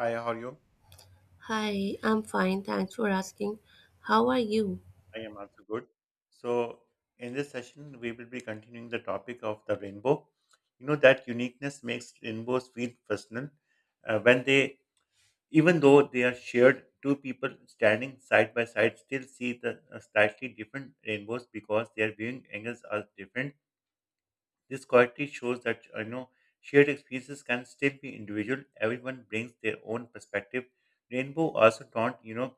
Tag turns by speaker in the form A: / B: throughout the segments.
A: Hi, how are you?
B: Hi, I'm fine. Thanks for asking. How are you?
A: I am also good. So, in this session, we will be continuing the topic of the rainbow. You know that uniqueness makes rainbows feel personal. Uh, when they, Even though they are shared, two people standing side by side still see the slightly different rainbows because their viewing angles are different. This quality shows that shared experiences can still be individual. Everyone brings their own perspective. Rainbow also don't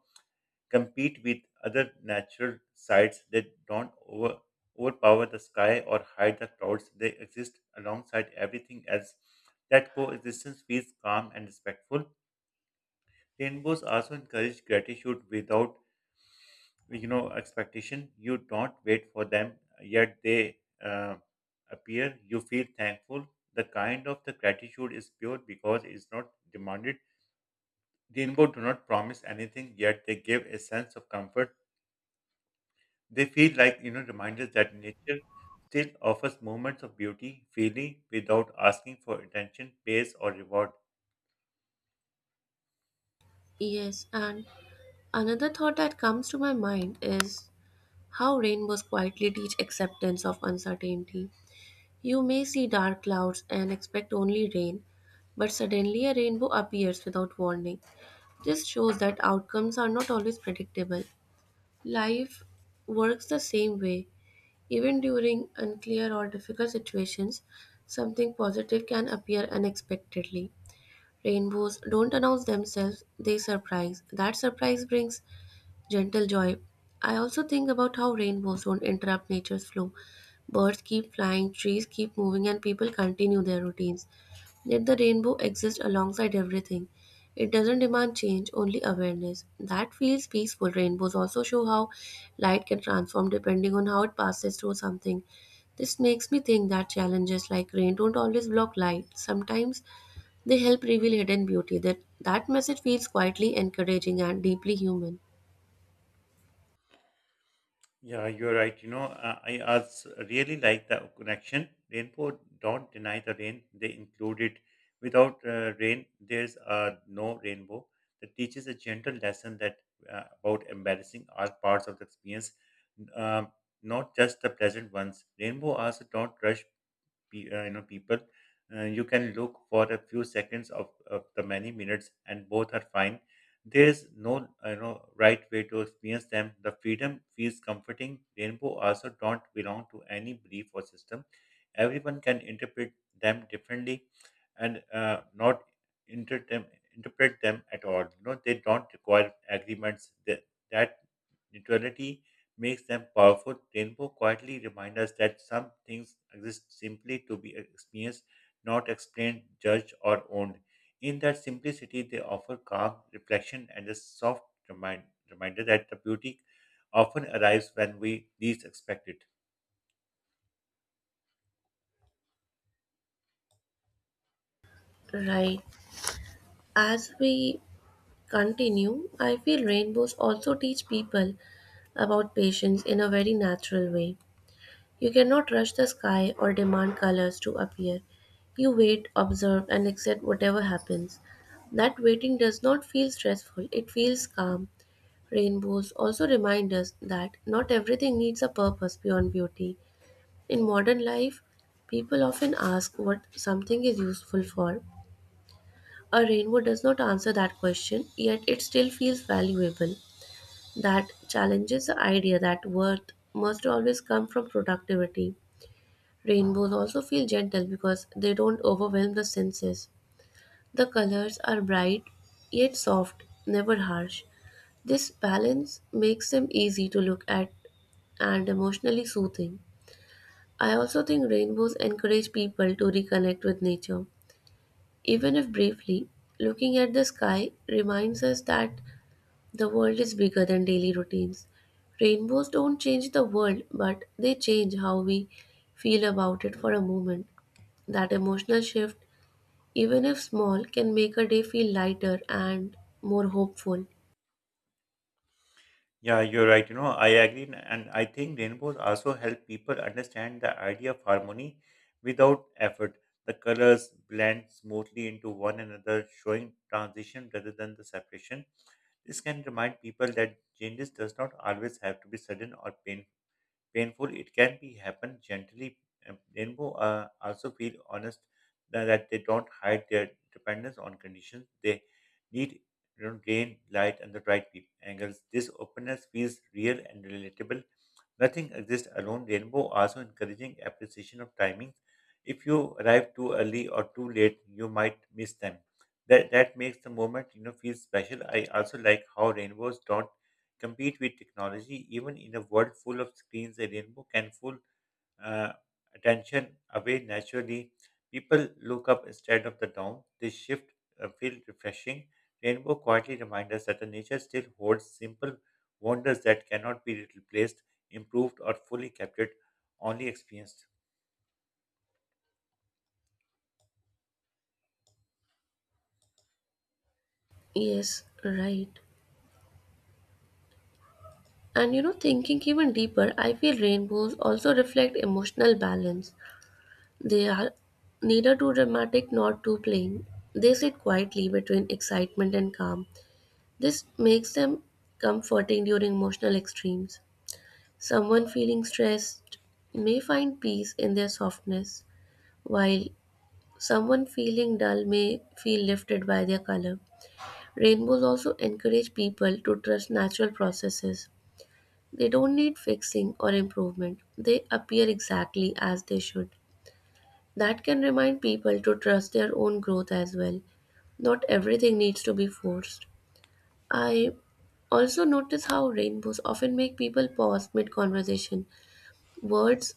A: compete with other natural sites that don't overpower the sky or hide the clouds. They exist alongside everything else. That coexistence feels calm and respectful. Rainbows also encourage gratitude without expectation. You don't wait for them, yet they uh, appear. You feel thankful. The kind of the gratitude is pure because it's not demanded. Rainbow do not promise anything, yet they give a sense of comfort. They feel like reminders that nature still offers moments of beauty freely without asking for attention, praise, or reward.
B: Yes, and another thought that comes to my mind is how rainbows quietly teach acceptance of uncertainty. You may see dark clouds and expect only rain, but suddenly a rainbow appears without warning. This shows that outcomes are not always predictable. Life works the same way. Even during unclear or difficult situations, something positive can appear unexpectedly. Rainbows don't announce themselves, they surprise. That surprise brings gentle joy. I also think about how rainbows don't interrupt nature's flow. Birds keep flying, trees keep moving, and people continue their routines. Yet the rainbow exists alongside everything. It doesn't demand change, only awareness. That feels peaceful. Rainbows also show how light can transform depending on how it passes through something. This makes me think that challenges like rain don't always block light. Sometimes they help reveal hidden beauty. That message feels quietly encouraging and deeply human.
A: Yeah, you're right. I also really like the connection. Rainbow don't deny the rain; they include it. Without rain, there's no rainbow. That teaches a gentle lesson that about embarrassing all parts of the experience, um, not just the pleasant ones. Rainbow also don't rush people. You can look for a few seconds of the many minutes, and both are fine. There's no right way to experience them. The freedom feels comforting. Rainbow also don't belong to any belief or system. Everyone can interpret them differently, and not inter- them, interpret them at all. They don't require agreements. That neutrality makes them powerful. Rainbow quietly reminds us that some things exist simply to be experienced, not explained, judged, or owned. In that simplicity, they offer calm, reflection, and a soft remind, reminder that the beauty often arrives when we least expect it.
B: Right. As we continue, I feel rainbows also teach people about patience in a very natural way. You cannot rush the sky or demand colors to appear. You wait, observe, and accept whatever happens. That waiting does not feel stressful, it feels calm. Rainbows also remind us that not everything needs a purpose beyond beauty. In modern life, people often ask what something is useful for. A rainbow does not answer that question, yet it still feels valuable. That challenges the idea that worth must always come from productivity. Rainbows also feel gentle because they don't overwhelm the senses. The colors are bright, yet soft, never harsh. This balance makes them easy to look at and emotionally soothing. I also think rainbows encourage people to reconnect with nature. Even if briefly, looking at the sky reminds us that the world is bigger than daily routines. Rainbows don't change the world, but they change how we feel about it for a moment. That emotional shift, even if small, can make a day feel lighter and more hopeful.
A: Yeah, you're right. I agree, and I think rainbows also help people understand the idea of harmony without effort. The colors blend smoothly into one another, showing transition rather than the separation. This can remind people that changes does not always have to be sudden or painful. It can be happen gently. And rainbow also feel honest that they don't hide their dependence on conditions. They need gain light and the right angles. This openness feels real and relatable. Nothing exists alone. Rainbow also encouraging appreciation of timing. If you arrive too early or too late, you might miss them. That makes the moment feel special. I also like how rainbows don't compete with technology. Even in a world full of screens, a rainbow can full uh, attention away naturally. People look up instead of the down. This shift feels refreshing. Rainbow quietly reminds us that the nature still holds simple wonders that cannot be replaced, improved, or fully captured, only experienced.
B: Yes, right. And you know, thinking even deeper, I feel rainbows also reflect emotional balance. They are neither too dramatic nor too plain. They sit quietly between excitement and calm. This makes them comforting during emotional extremes. Someone feeling stressed may find peace in their softness, while someone feeling dull may feel lifted by their color. Rainbows also encourage people to trust natural processes. They don't need fixing or improvement, they appear exactly as they should. That can remind people to trust their own growth as well. Not everything needs to be forced. I also notice how rainbows often make people pause mid conversation. Words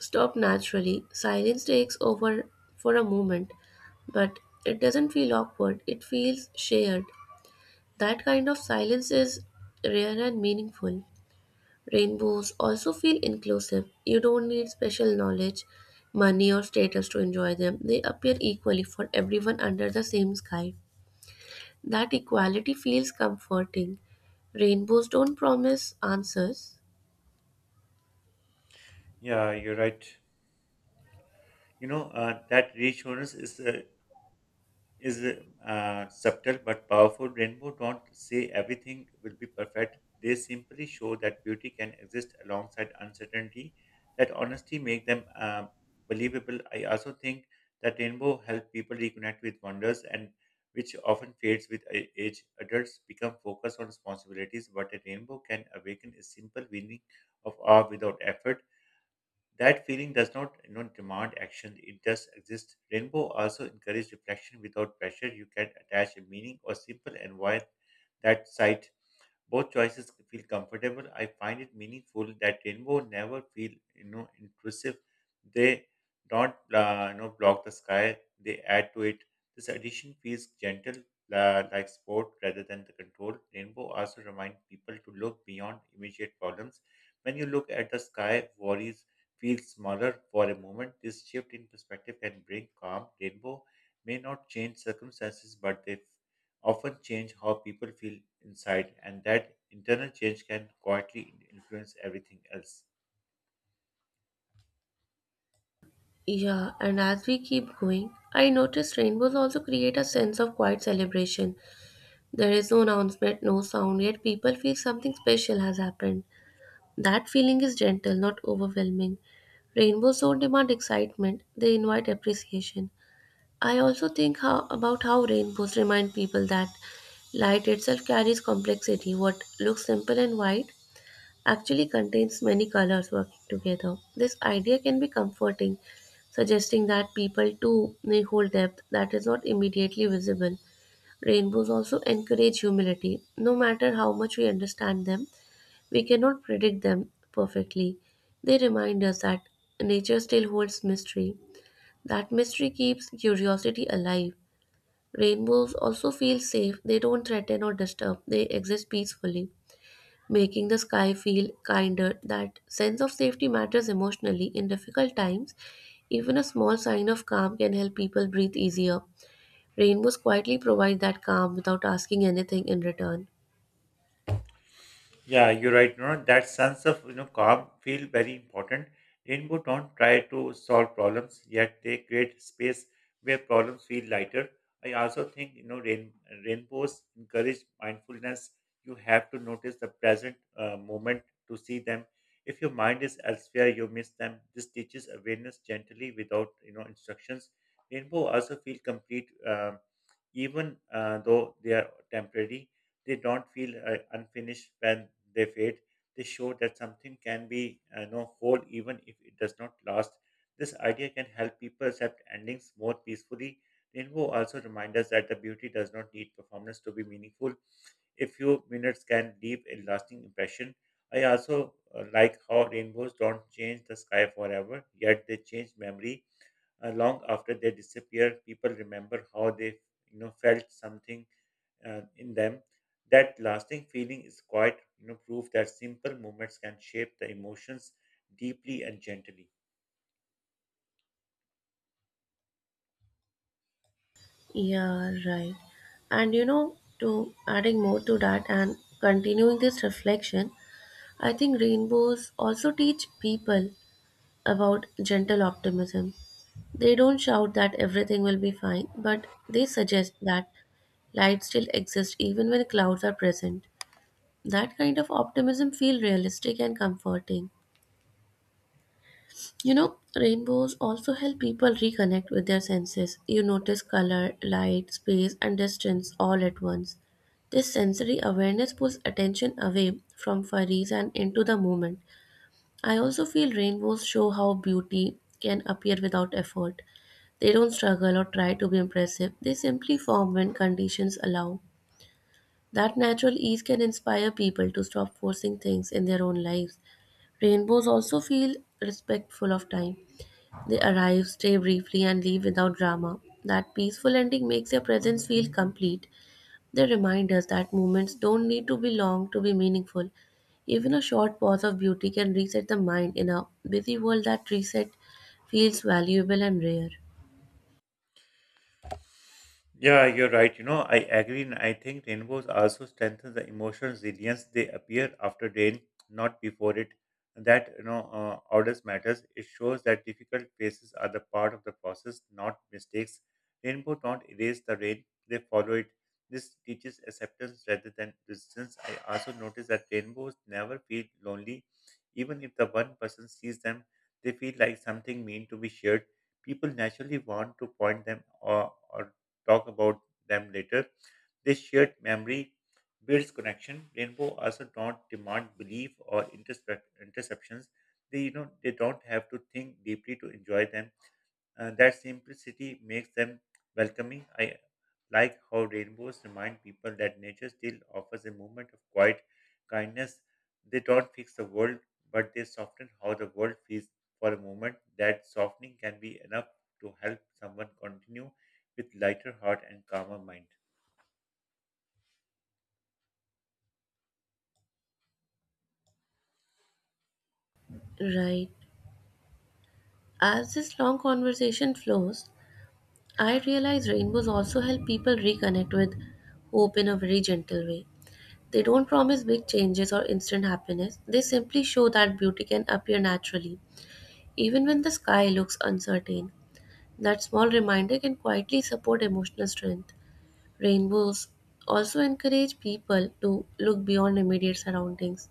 B: stop naturally, silence takes over for a moment, but it doesn't feel awkward, it feels shared. That kind of silence is rare and meaningful. Rainbows also feel inclusive. You don't need special knowledge, money, or status to enjoy them. They appear equally for everyone under the same sky. That equality feels comforting. Rainbows don't promise answers.
A: Yeah, you're right. That reassurance is subtle but powerful. Rainbow don't say everything will be perfect. They simply show that beauty can exist alongside uncertainty. That honesty make them believable. I also think that rainbow help people reconnect with wonders and which often fades with age. Adults become focused on responsibilities, but a rainbow can awaken a simple feeling of awe without effort. That feeling does not demand action, it just exists. Rainbow also encourages reflection without pressure. You can attach a meaning or simple and why that sight both choices feel comfortable. I find it meaningful that rainbow never feel intrusive. They don't block the sky. They add to it. This addition feels gentle, like sport rather than the control. Rainbow also remind people to look beyond immediate problems. When you look at the sky, worries feel smaller for a moment. This shift in perspective can bring calm. Rainbow may not change circumstances, but they often change how people feel inside, and that internal change can quietly influence everything else.
B: Yeah, and as we keep going, I notice rainbows also create a sense of quiet celebration. There is no announcement, no sound, yet people feel something special has happened. That feeling is gentle, not overwhelming. Rainbows don't demand excitement, they invite appreciation. I also think how, about how rainbows remind people that light itself carries complexity. What looks simple and white actually contains many colors working together. This idea can be comforting, suggesting that people too may hold depth that is not immediately visible. Rainbows also encourage humility. No matter how much we understand them, we cannot predict them perfectly. They remind us that nature still holds mystery. That mystery keeps curiosity alive. Rainbows also feel safe, they don't threaten or disturb, they exist peacefully, making the sky feel kinder. That sense of safety matters emotionally in difficult times. Even a small sign of calm can help people breathe easier. Rainbows quietly provide that calm without asking anything in return.
A: Yeah, you're right. No, no, that sense of calm feel very important. Rainbow don't try to solve problems, yet they create space where problems feel lighter. I also think rainbows encourage mindfulness. You have to notice the present moment to see them. If your mind is elsewhere, you miss them. This teaches awareness gently without instructions. Rainbow also feel complete, even though they are temporary. They don't feel unfinished when they fade. They show that something can be whole even if it does not last. This idea can help people accept endings more peacefully. Rainbow also reminds us that the beauty does not need performance to be meaningful. A few minutes can leave a lasting impression. I also like how rainbows don't change the sky forever, yet they change memory. Long after they disappear, people remember how they felt something in them. That lasting feeling is quite proof that simple movements can shape the emotions deeply and gently.
B: Yeah, right. And you know, to adding more to that and continuing this reflection, I think rainbows also teach people about gentle optimism. They don't shout that everything will be fine, but they suggest that light still exists even when clouds are present. That kind of optimism feels realistic and comforting. You know, rainbows also help people reconnect with their senses. You notice color, light, space, and distance all at once. This sensory awareness pulls attention away from worries and into the moment. I also feel rainbows show how beauty can appear without effort. They don't struggle or try to be impressive, they simply form when conditions allow. That natural ease can inspire people to stop forcing things in their own lives. Rainbows also feel respectful of time. They arrive, stay briefly, and leave without drama. That peaceful ending makes their presence feel complete. They remind us that moments don't need to be long to be meaningful. Even a short pause of beauty can reset the mind in a busy world that reset feels valuable and rare.
A: Yeah, you're right. I agree. And I think rainbows also strengthen the emotional resilience. They appear after rain, not before it. That orders matters. It shows that difficult phases are the part of the process, not mistakes. Rainbow don't erase the rain. They follow it. This teaches acceptance rather than resistance. I also notice that rainbows never feel lonely. Even if the one person sees them, they feel like something mean to be shared. People naturally want to point them or talk about them later. This shared memory builds connection. Rainbow also don't demand belief or interceptions. They don't have to think deeply to enjoy them. That simplicity makes them welcoming. I like how rainbows remind people that nature still offers a moment of quiet kindness. They don't fix the world, but they soften how the world feels for a moment. That softening can be enough to help someone continue with lighter heart and calmer mind.
B: Right. As this long conversation flows, I realize rainbows also help people reconnect with hope in a very gentle way. They don't promise big changes or instant happiness, they simply show that beauty can appear naturally. Even when the sky looks uncertain, that small reminder can quietly support emotional strength. Rainbows also encourage people to look beyond immediate surroundings.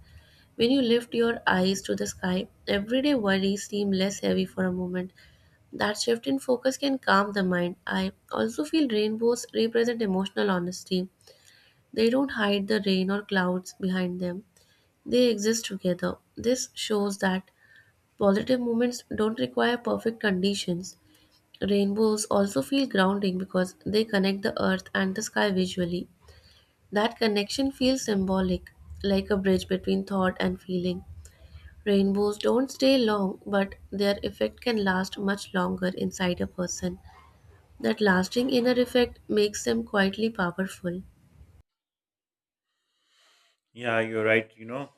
B: When you lift your eyes to the sky, everyday worries seem less heavy for a moment. That shift in focus can calm the mind. I also feel rainbows represent emotional honesty. They don't hide the rain or clouds behind them, they exist together. This shows that positive moments don't require perfect conditions. Rainbows also feel grounding because they connect the earth and the sky visually. That connection feels symbolic, like a bridge between thought and feeling. Rainbows don't stay long, but their effect can last much longer inside a person. That lasting inner effect makes them quietly powerful.
A: Yeah, you're right. You know,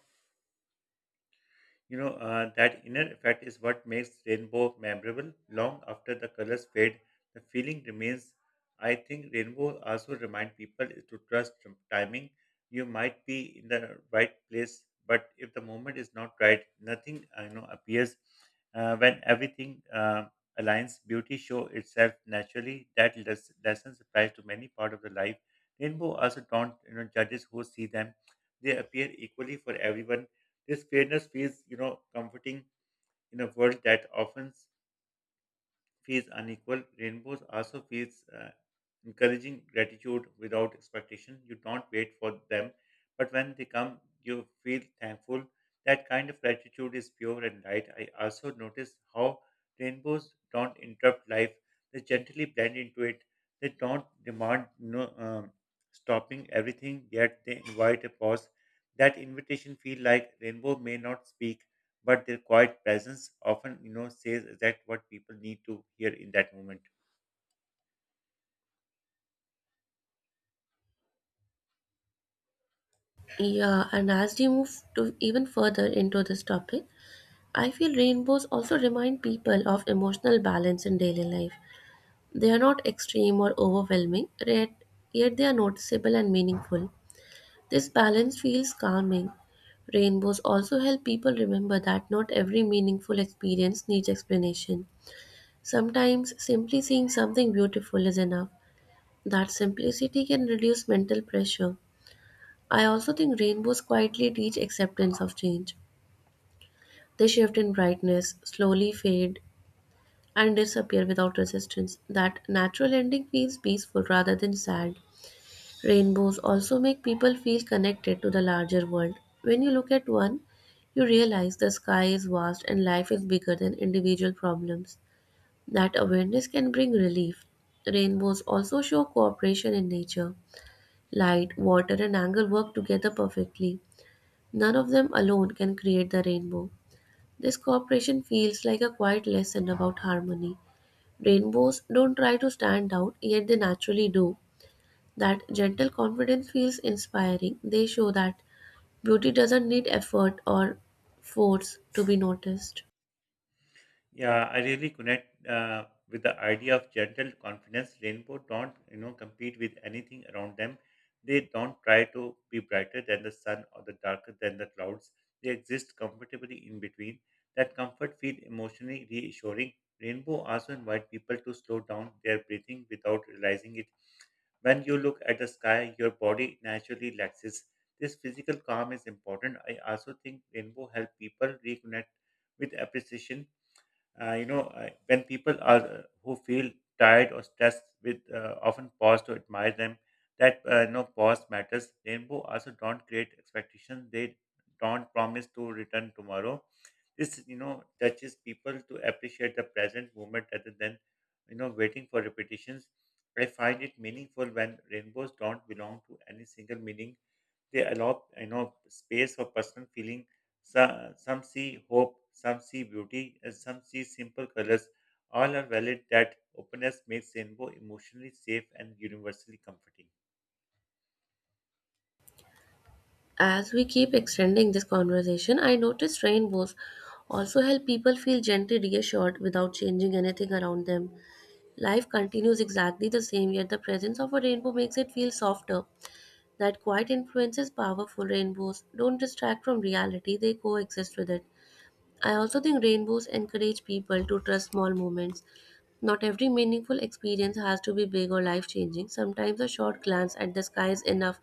A: You know, uh, That inner effect is what makes rainbow memorable. Long after the colors fade, the feeling remains. I think rainbow also remind people to trust timing. You might be in the right place, but if the moment is not right, nothing appears. When everything aligns, beauty show itself naturally. That lessons applies to many part of the life. Rainbow also don't judges who see them. They appear equally for everyone. This fairness feels comforting in a world that often feels unequal. Rainbows also feels encouraging gratitude without expectation. You don't wait for them, but when they come, you feel thankful. That kind of gratitude is pure and light. I also noticed how rainbows don't interrupt life; they gently blend into it. They don't demand stopping everything. Yet they invite a pause. That invitation feel like rainbow may not speak, but their quiet presence often says exactly what people need to hear in that moment.
B: Yeah, and as we move to even further into this topic, I feel rainbows also remind people of emotional balance in daily life. They are not extreme or overwhelming, yet they are noticeable and meaningful. This balance feels calming. Rainbows also help people remember that not every meaningful experience needs explanation. Sometimes simply seeing something beautiful is enough. That simplicity can reduce mental pressure. I also think rainbows quietly teach acceptance of change. They shift in brightness, slowly fade, and disappear without resistance. That natural ending feels peaceful rather than sad. Rainbows also make people feel connected to the larger world. When you look at one, you realize the sky is vast and life is bigger than individual problems. That awareness can bring relief. Rainbows also show cooperation in nature. Light, water, and angle work together perfectly. None of them alone can create the rainbow. This cooperation feels like a quiet lesson about harmony. Rainbows don't try to stand out, yet they naturally do. That gentle confidence feels inspiring. They show that beauty doesn't need effort or force to be noticed.
A: Yeah, I really connect with the idea of gentle confidence. Rainbow don't compete with anything around them. They don't try to be brighter than the sun or the darker than the clouds. They exist comfortably in between. That comfort feels emotionally reassuring. Rainbow also invite people to slow down their breathing without realizing it. When you look at the sky, your body naturally relaxes. This physical calm is important. I also think rainbow help people reconnect with appreciation when people are who feel tired or stressed with often pause to admire them. That pause matters. Rainbow also don't create expectations. They don't promise to return tomorrow. This touches people to appreciate the present moment rather than waiting for repetitions. I find it meaningful when rainbows don't belong to any single meaning. They allow space for personal feeling. So, some see hope, some see beauty, and some see simple colors. All are valid. That openness makes rainbow emotionally safe and universally comforting.
B: As we keep extending this conversation, I notice rainbows also help people feel gently reassured without changing anything around them. Life continues exactly the same, yet the presence of a rainbow makes it feel softer. That quiet influence is powerful. Rainbows don't distract from reality, they coexist with it. I also think rainbows encourage people to trust small moments. Not every meaningful experience has to be big or life changing. Sometimes a short glance at the sky is enough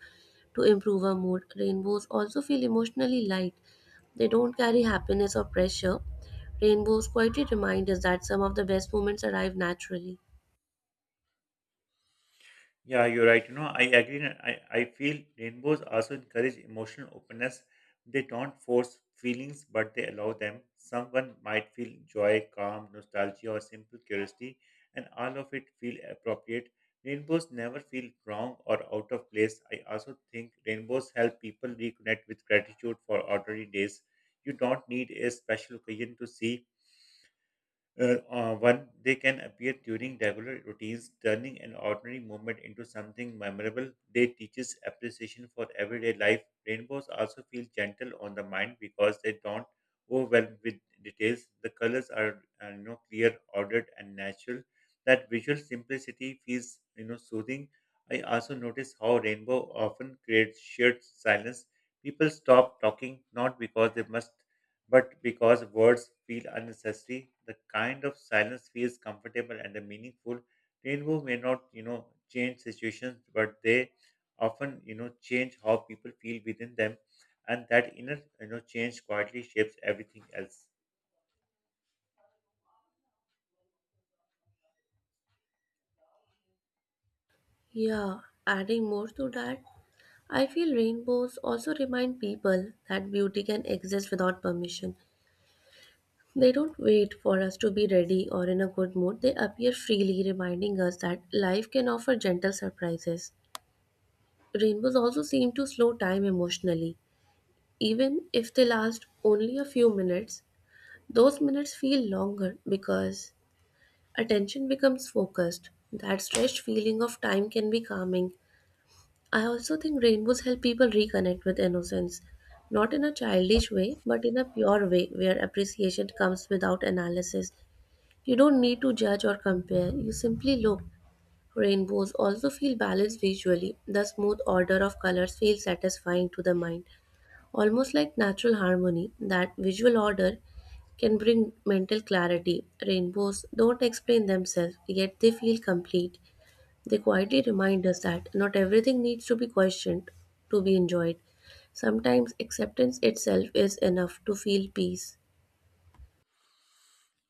B: to improve our mood. Rainbows also feel emotionally light, they don't carry happiness or pressure. Rainbows quietly remind us that some of the best moments arrive naturally.
A: Yeah, you're right. I agree. And I feel rainbows also encourage emotional openness. They don't force feelings, but they allow them. Someone might feel joy, calm, nostalgia, or simple curiosity, and all of it feel appropriate. Rainbows never feel wrong or out of place. I also think rainbows help people reconnect with gratitude for ordinary days. You don't need a special occasion to see one. They can appear during regular routines, turning an ordinary moment into something memorable. They teaches appreciation for everyday life. Rainbows also feel gentle on the mind because they don't overwhelm with details. The colors are clear, ordered and natural. That visual simplicity feels soothing. I also notice how rainbow often creates shared silence. People stop talking not because they must, but because words feel unnecessary. The kind of silence feels comfortable and meaningful. Rainbow may not, change situations, but they often, change how people feel within them, and that inner, change quietly shapes everything else.
B: Yeah, adding more to that, I feel rainbows also remind people that beauty can exist without permission. They don't wait for us to be ready or in a good mood, they appear freely, reminding us that life can offer gentle surprises. Rainbows also seem to slow time emotionally. Even if they last only a few minutes, those minutes feel longer because attention becomes focused. That stretched feeling of time can be calming. I also think rainbows help people reconnect with innocence, not in a childish way, but in a pure way where appreciation comes without analysis. You don't need to judge or compare, you simply look. Rainbows also feel balanced visually. The smooth order of colors feels satisfying to the mind, almost like natural harmony. That visual order can bring mental clarity. Rainbows don't explain themselves, yet they feel complete. They quietly remind us that not everything needs to be questioned to be enjoyed. Sometimes acceptance itself is enough to feel peace.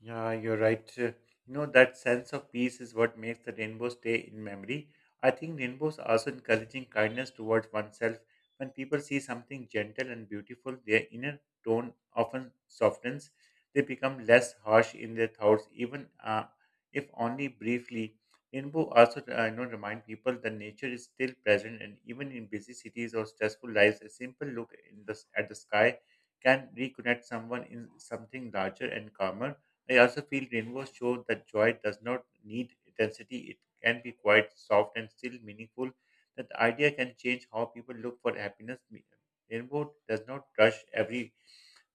A: Yeah, you're right. You know, that sense of peace is what makes the rainbow stay in memory. I think rainbows are also encouraging kindness towards oneself. When people see something gentle and beautiful, their inner tone often softens. They become less harsh in their thoughts, even if only briefly. Rainbow also, remind people that nature is still present, and even in busy cities or stressful lives, a simple look in at the sky can reconnect someone in something larger and calmer. I also feel rainbows show that joy does not need intensity, it can be quite soft and still meaningful. That idea can change how people look for happiness. Rainbow does not rush every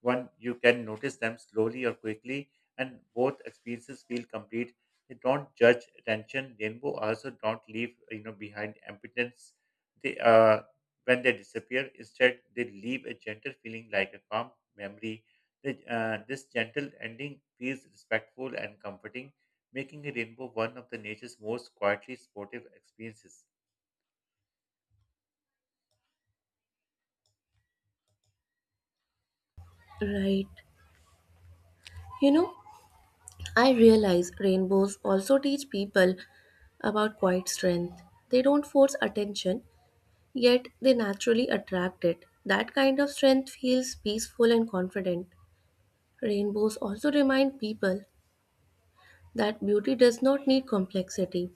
A: one you can notice them slowly or quickly, and both experiences feel complete. They don't judge attention. Rainbow also don't leave behind impotence. They When they disappear, instead they leave a gentle feeling like a calm memory. This gentle ending feels respectful and comforting, making a rainbow one of the nature's most quietly supportive experiences.
B: Right. You know, I realize rainbows also teach people about quiet strength. They don't force attention, yet they naturally attract it. That kind of strength feels peaceful and confident. Rainbows also remind people that beauty does not need complexity.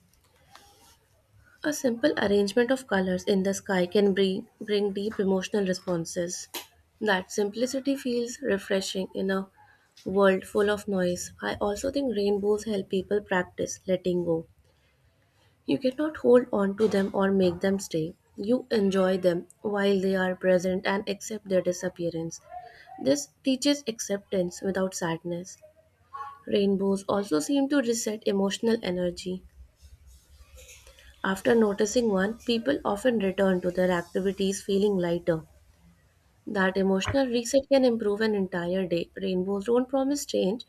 B: A simple arrangement of colors in the sky can bring deep emotional responses. That simplicity feels refreshing in a world full of noise. I also think rainbows help people practice letting go. You cannot hold on to them or make them stay. You enjoy them while they are present and accept their disappearance. This teaches acceptance without sadness. Rainbows also seem to reset emotional energy. After noticing one, people often return to their activities feeling lighter. That emotional reset can improve an entire day. Rainbows don't promise change,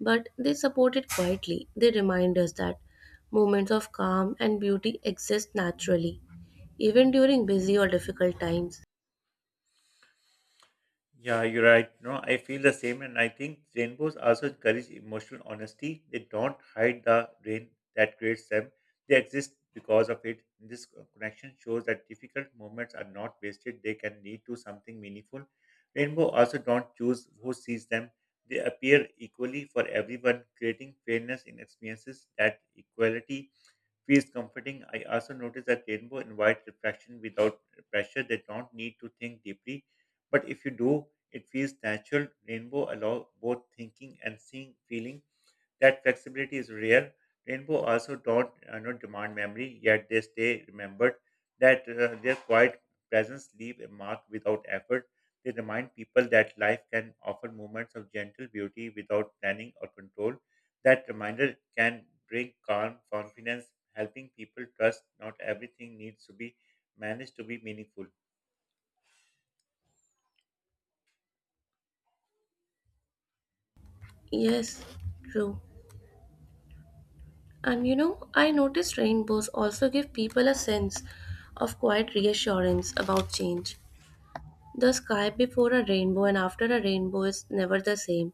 B: but they support it quietly. They remind us that moments of calm and beauty exist naturally, even during busy or difficult times.
A: Yeah, you're right. No, I feel the same, and I think rainbows also encourage emotional honesty. They don't hide the rain that creates them. They exist because of it. This connection shows that difficult moments are not wasted. They can lead to something meaningful. Rainbow also don't choose who sees them. They appear equally for everyone, creating fairness in experiences. That equality feels comforting. I also notice that rainbow invite reflection without pressure. They don't need to think deeply, but if you do, it feels natural. Rainbow allow both thinking and seeing, feeling that flexibility is rare. Rainbow also don't not demand memory, yet they stay remembered. That Their quiet presence leave a mark without effort. They remind people that life can offer moments of gentle beauty without planning or control. That reminder can bring calm, confidence, helping people trust not everything needs to be managed to be meaningful.
B: Yes, true. And you know, I noticed rainbows also give people a sense of quiet reassurance about change. The sky before a rainbow and after a rainbow is never the same.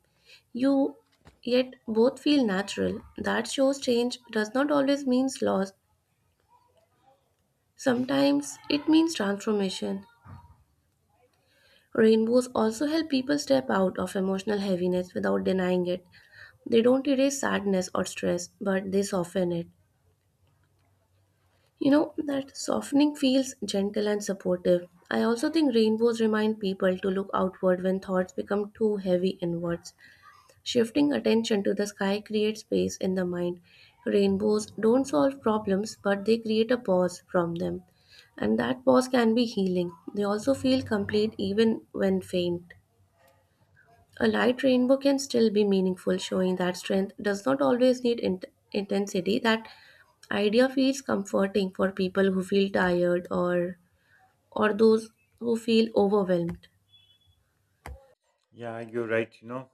B: You Yet both feel natural. That shows change does not always means loss. Sometimes it means transformation. Rainbows also help people step out of emotional heaviness without denying it. They don't erase sadness or stress, but they soften it. You know, that softening feels gentle and supportive. I also think rainbows remind people to look outward when thoughts become too heavy inwards. Shifting attention to the sky creates space in the mind. Rainbows don't solve problems, but they create a pause from them. And that pause can be healing. They also feel complete even when faint. A light rainbow can still be meaningful, showing that strength does not always need intensity. That idea feels comforting for people who feel tired or those who feel overwhelmed.
A: Yeah, you're right. You know,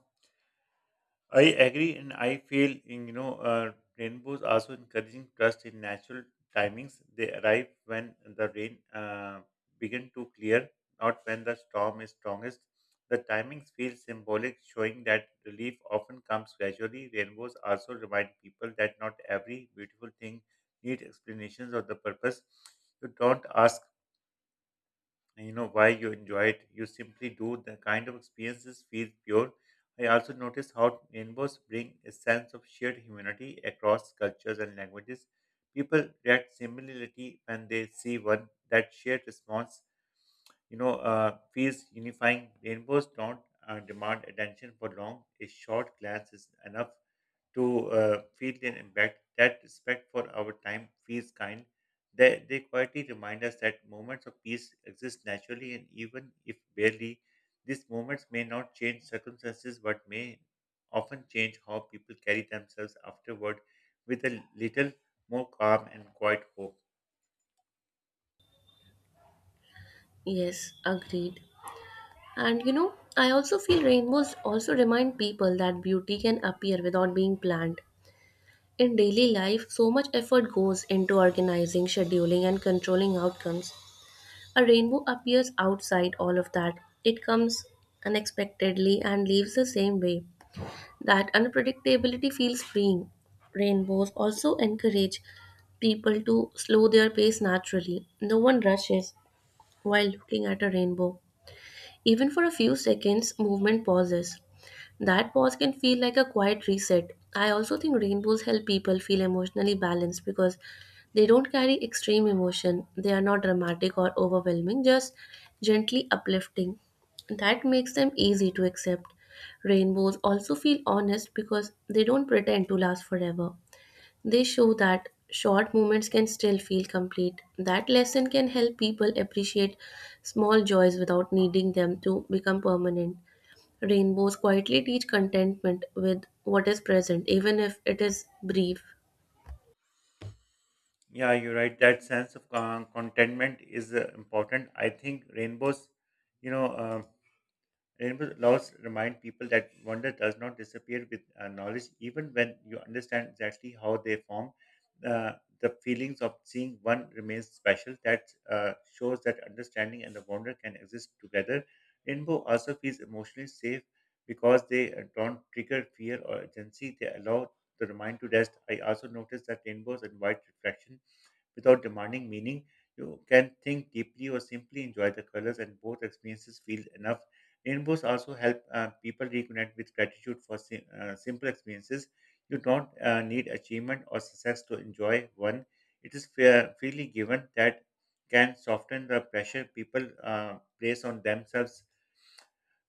A: I agree, and I feel in, you know rainbows also encouraging trust in natural timings. They arrive when the rain begin to clear, not when the storm is strongest. The timings feel symbolic, showing that relief often comes gradually. Rainbows also remind people that not every beautiful thing needs explanations or the purpose. You don't ask and why you enjoy it. You simply do. The kind of experiences feel pure. I also notice how rainbows bring a sense of shared humanity across cultures and languages. People react similarly when they see one. That shared response, feels unifying. Rainbows don't demand attention for long. A short glance is enough to feel their impact. That respect for our time feels kind. They quietly remind us that moments of peace exist naturally and even if barely. These moments may not change circumstances but may often change how people carry themselves afterward with a little more calm and quiet hope.
B: Yes, agreed. And you know, I also feel rainbows also remind people that beauty can appear without being planned. In daily life, so much effort goes into organizing, scheduling, and controlling outcomes. A rainbow appears outside all of that. It comes unexpectedly and leaves the same way. That unpredictability feels freeing. Rainbows also encourage people to slow their pace naturally. No one rushes while looking at a rainbow. Even for a few seconds, movement pauses. That pause can feel like a quiet reset. I also think rainbows help people feel emotionally balanced because they don't carry extreme emotion. They are not dramatic or overwhelming, just gently uplifting. That makes them easy to accept. Rainbows also feel honest because they don't pretend to last forever. They show that short moments can still feel complete. That lesson can help people appreciate small joys without needing them to become permanent. Rainbows quietly teach contentment with what is present, even if it is brief.
A: Yeah, you're right. That sense of contentment is important. I think rainbows, you know. um Rainbow laws remind people that wonder does not disappear with knowledge, even when you understand exactly how they form. Uh, the feelings of seeing one remains special. That Shows that understanding and the wonder can exist together. Rainbow also feels emotionally safe because they don't trigger fear or urgency. They allow the mind to rest. I also noticed that rainbows invite reflection without demanding meaning. You can think deeply or simply enjoy the colors, and both experiences feel enough. Rainbows also help people reconnect with gratitude for simple experiences. You don't need achievement or success to enjoy one. It is fair, freely given that can soften the pressure people place on themselves.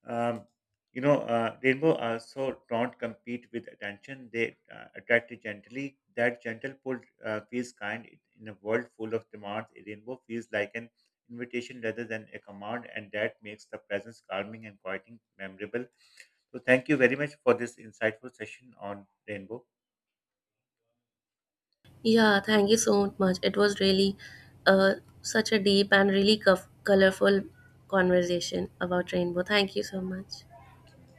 A: um, Rainbow also don't compete with attention. They attract it gently. That gentle pull feels kind in a world full of demands. A rainbow feels like an invitation rather than a command, and that makes the presence calming and quieting memorable. So, thank you very much for this insightful session on rainbow.
B: Yeah, thank you so much. It was really uh, such a deep and really colorful conversation about rainbow. Thank you so much.
A: Thank you.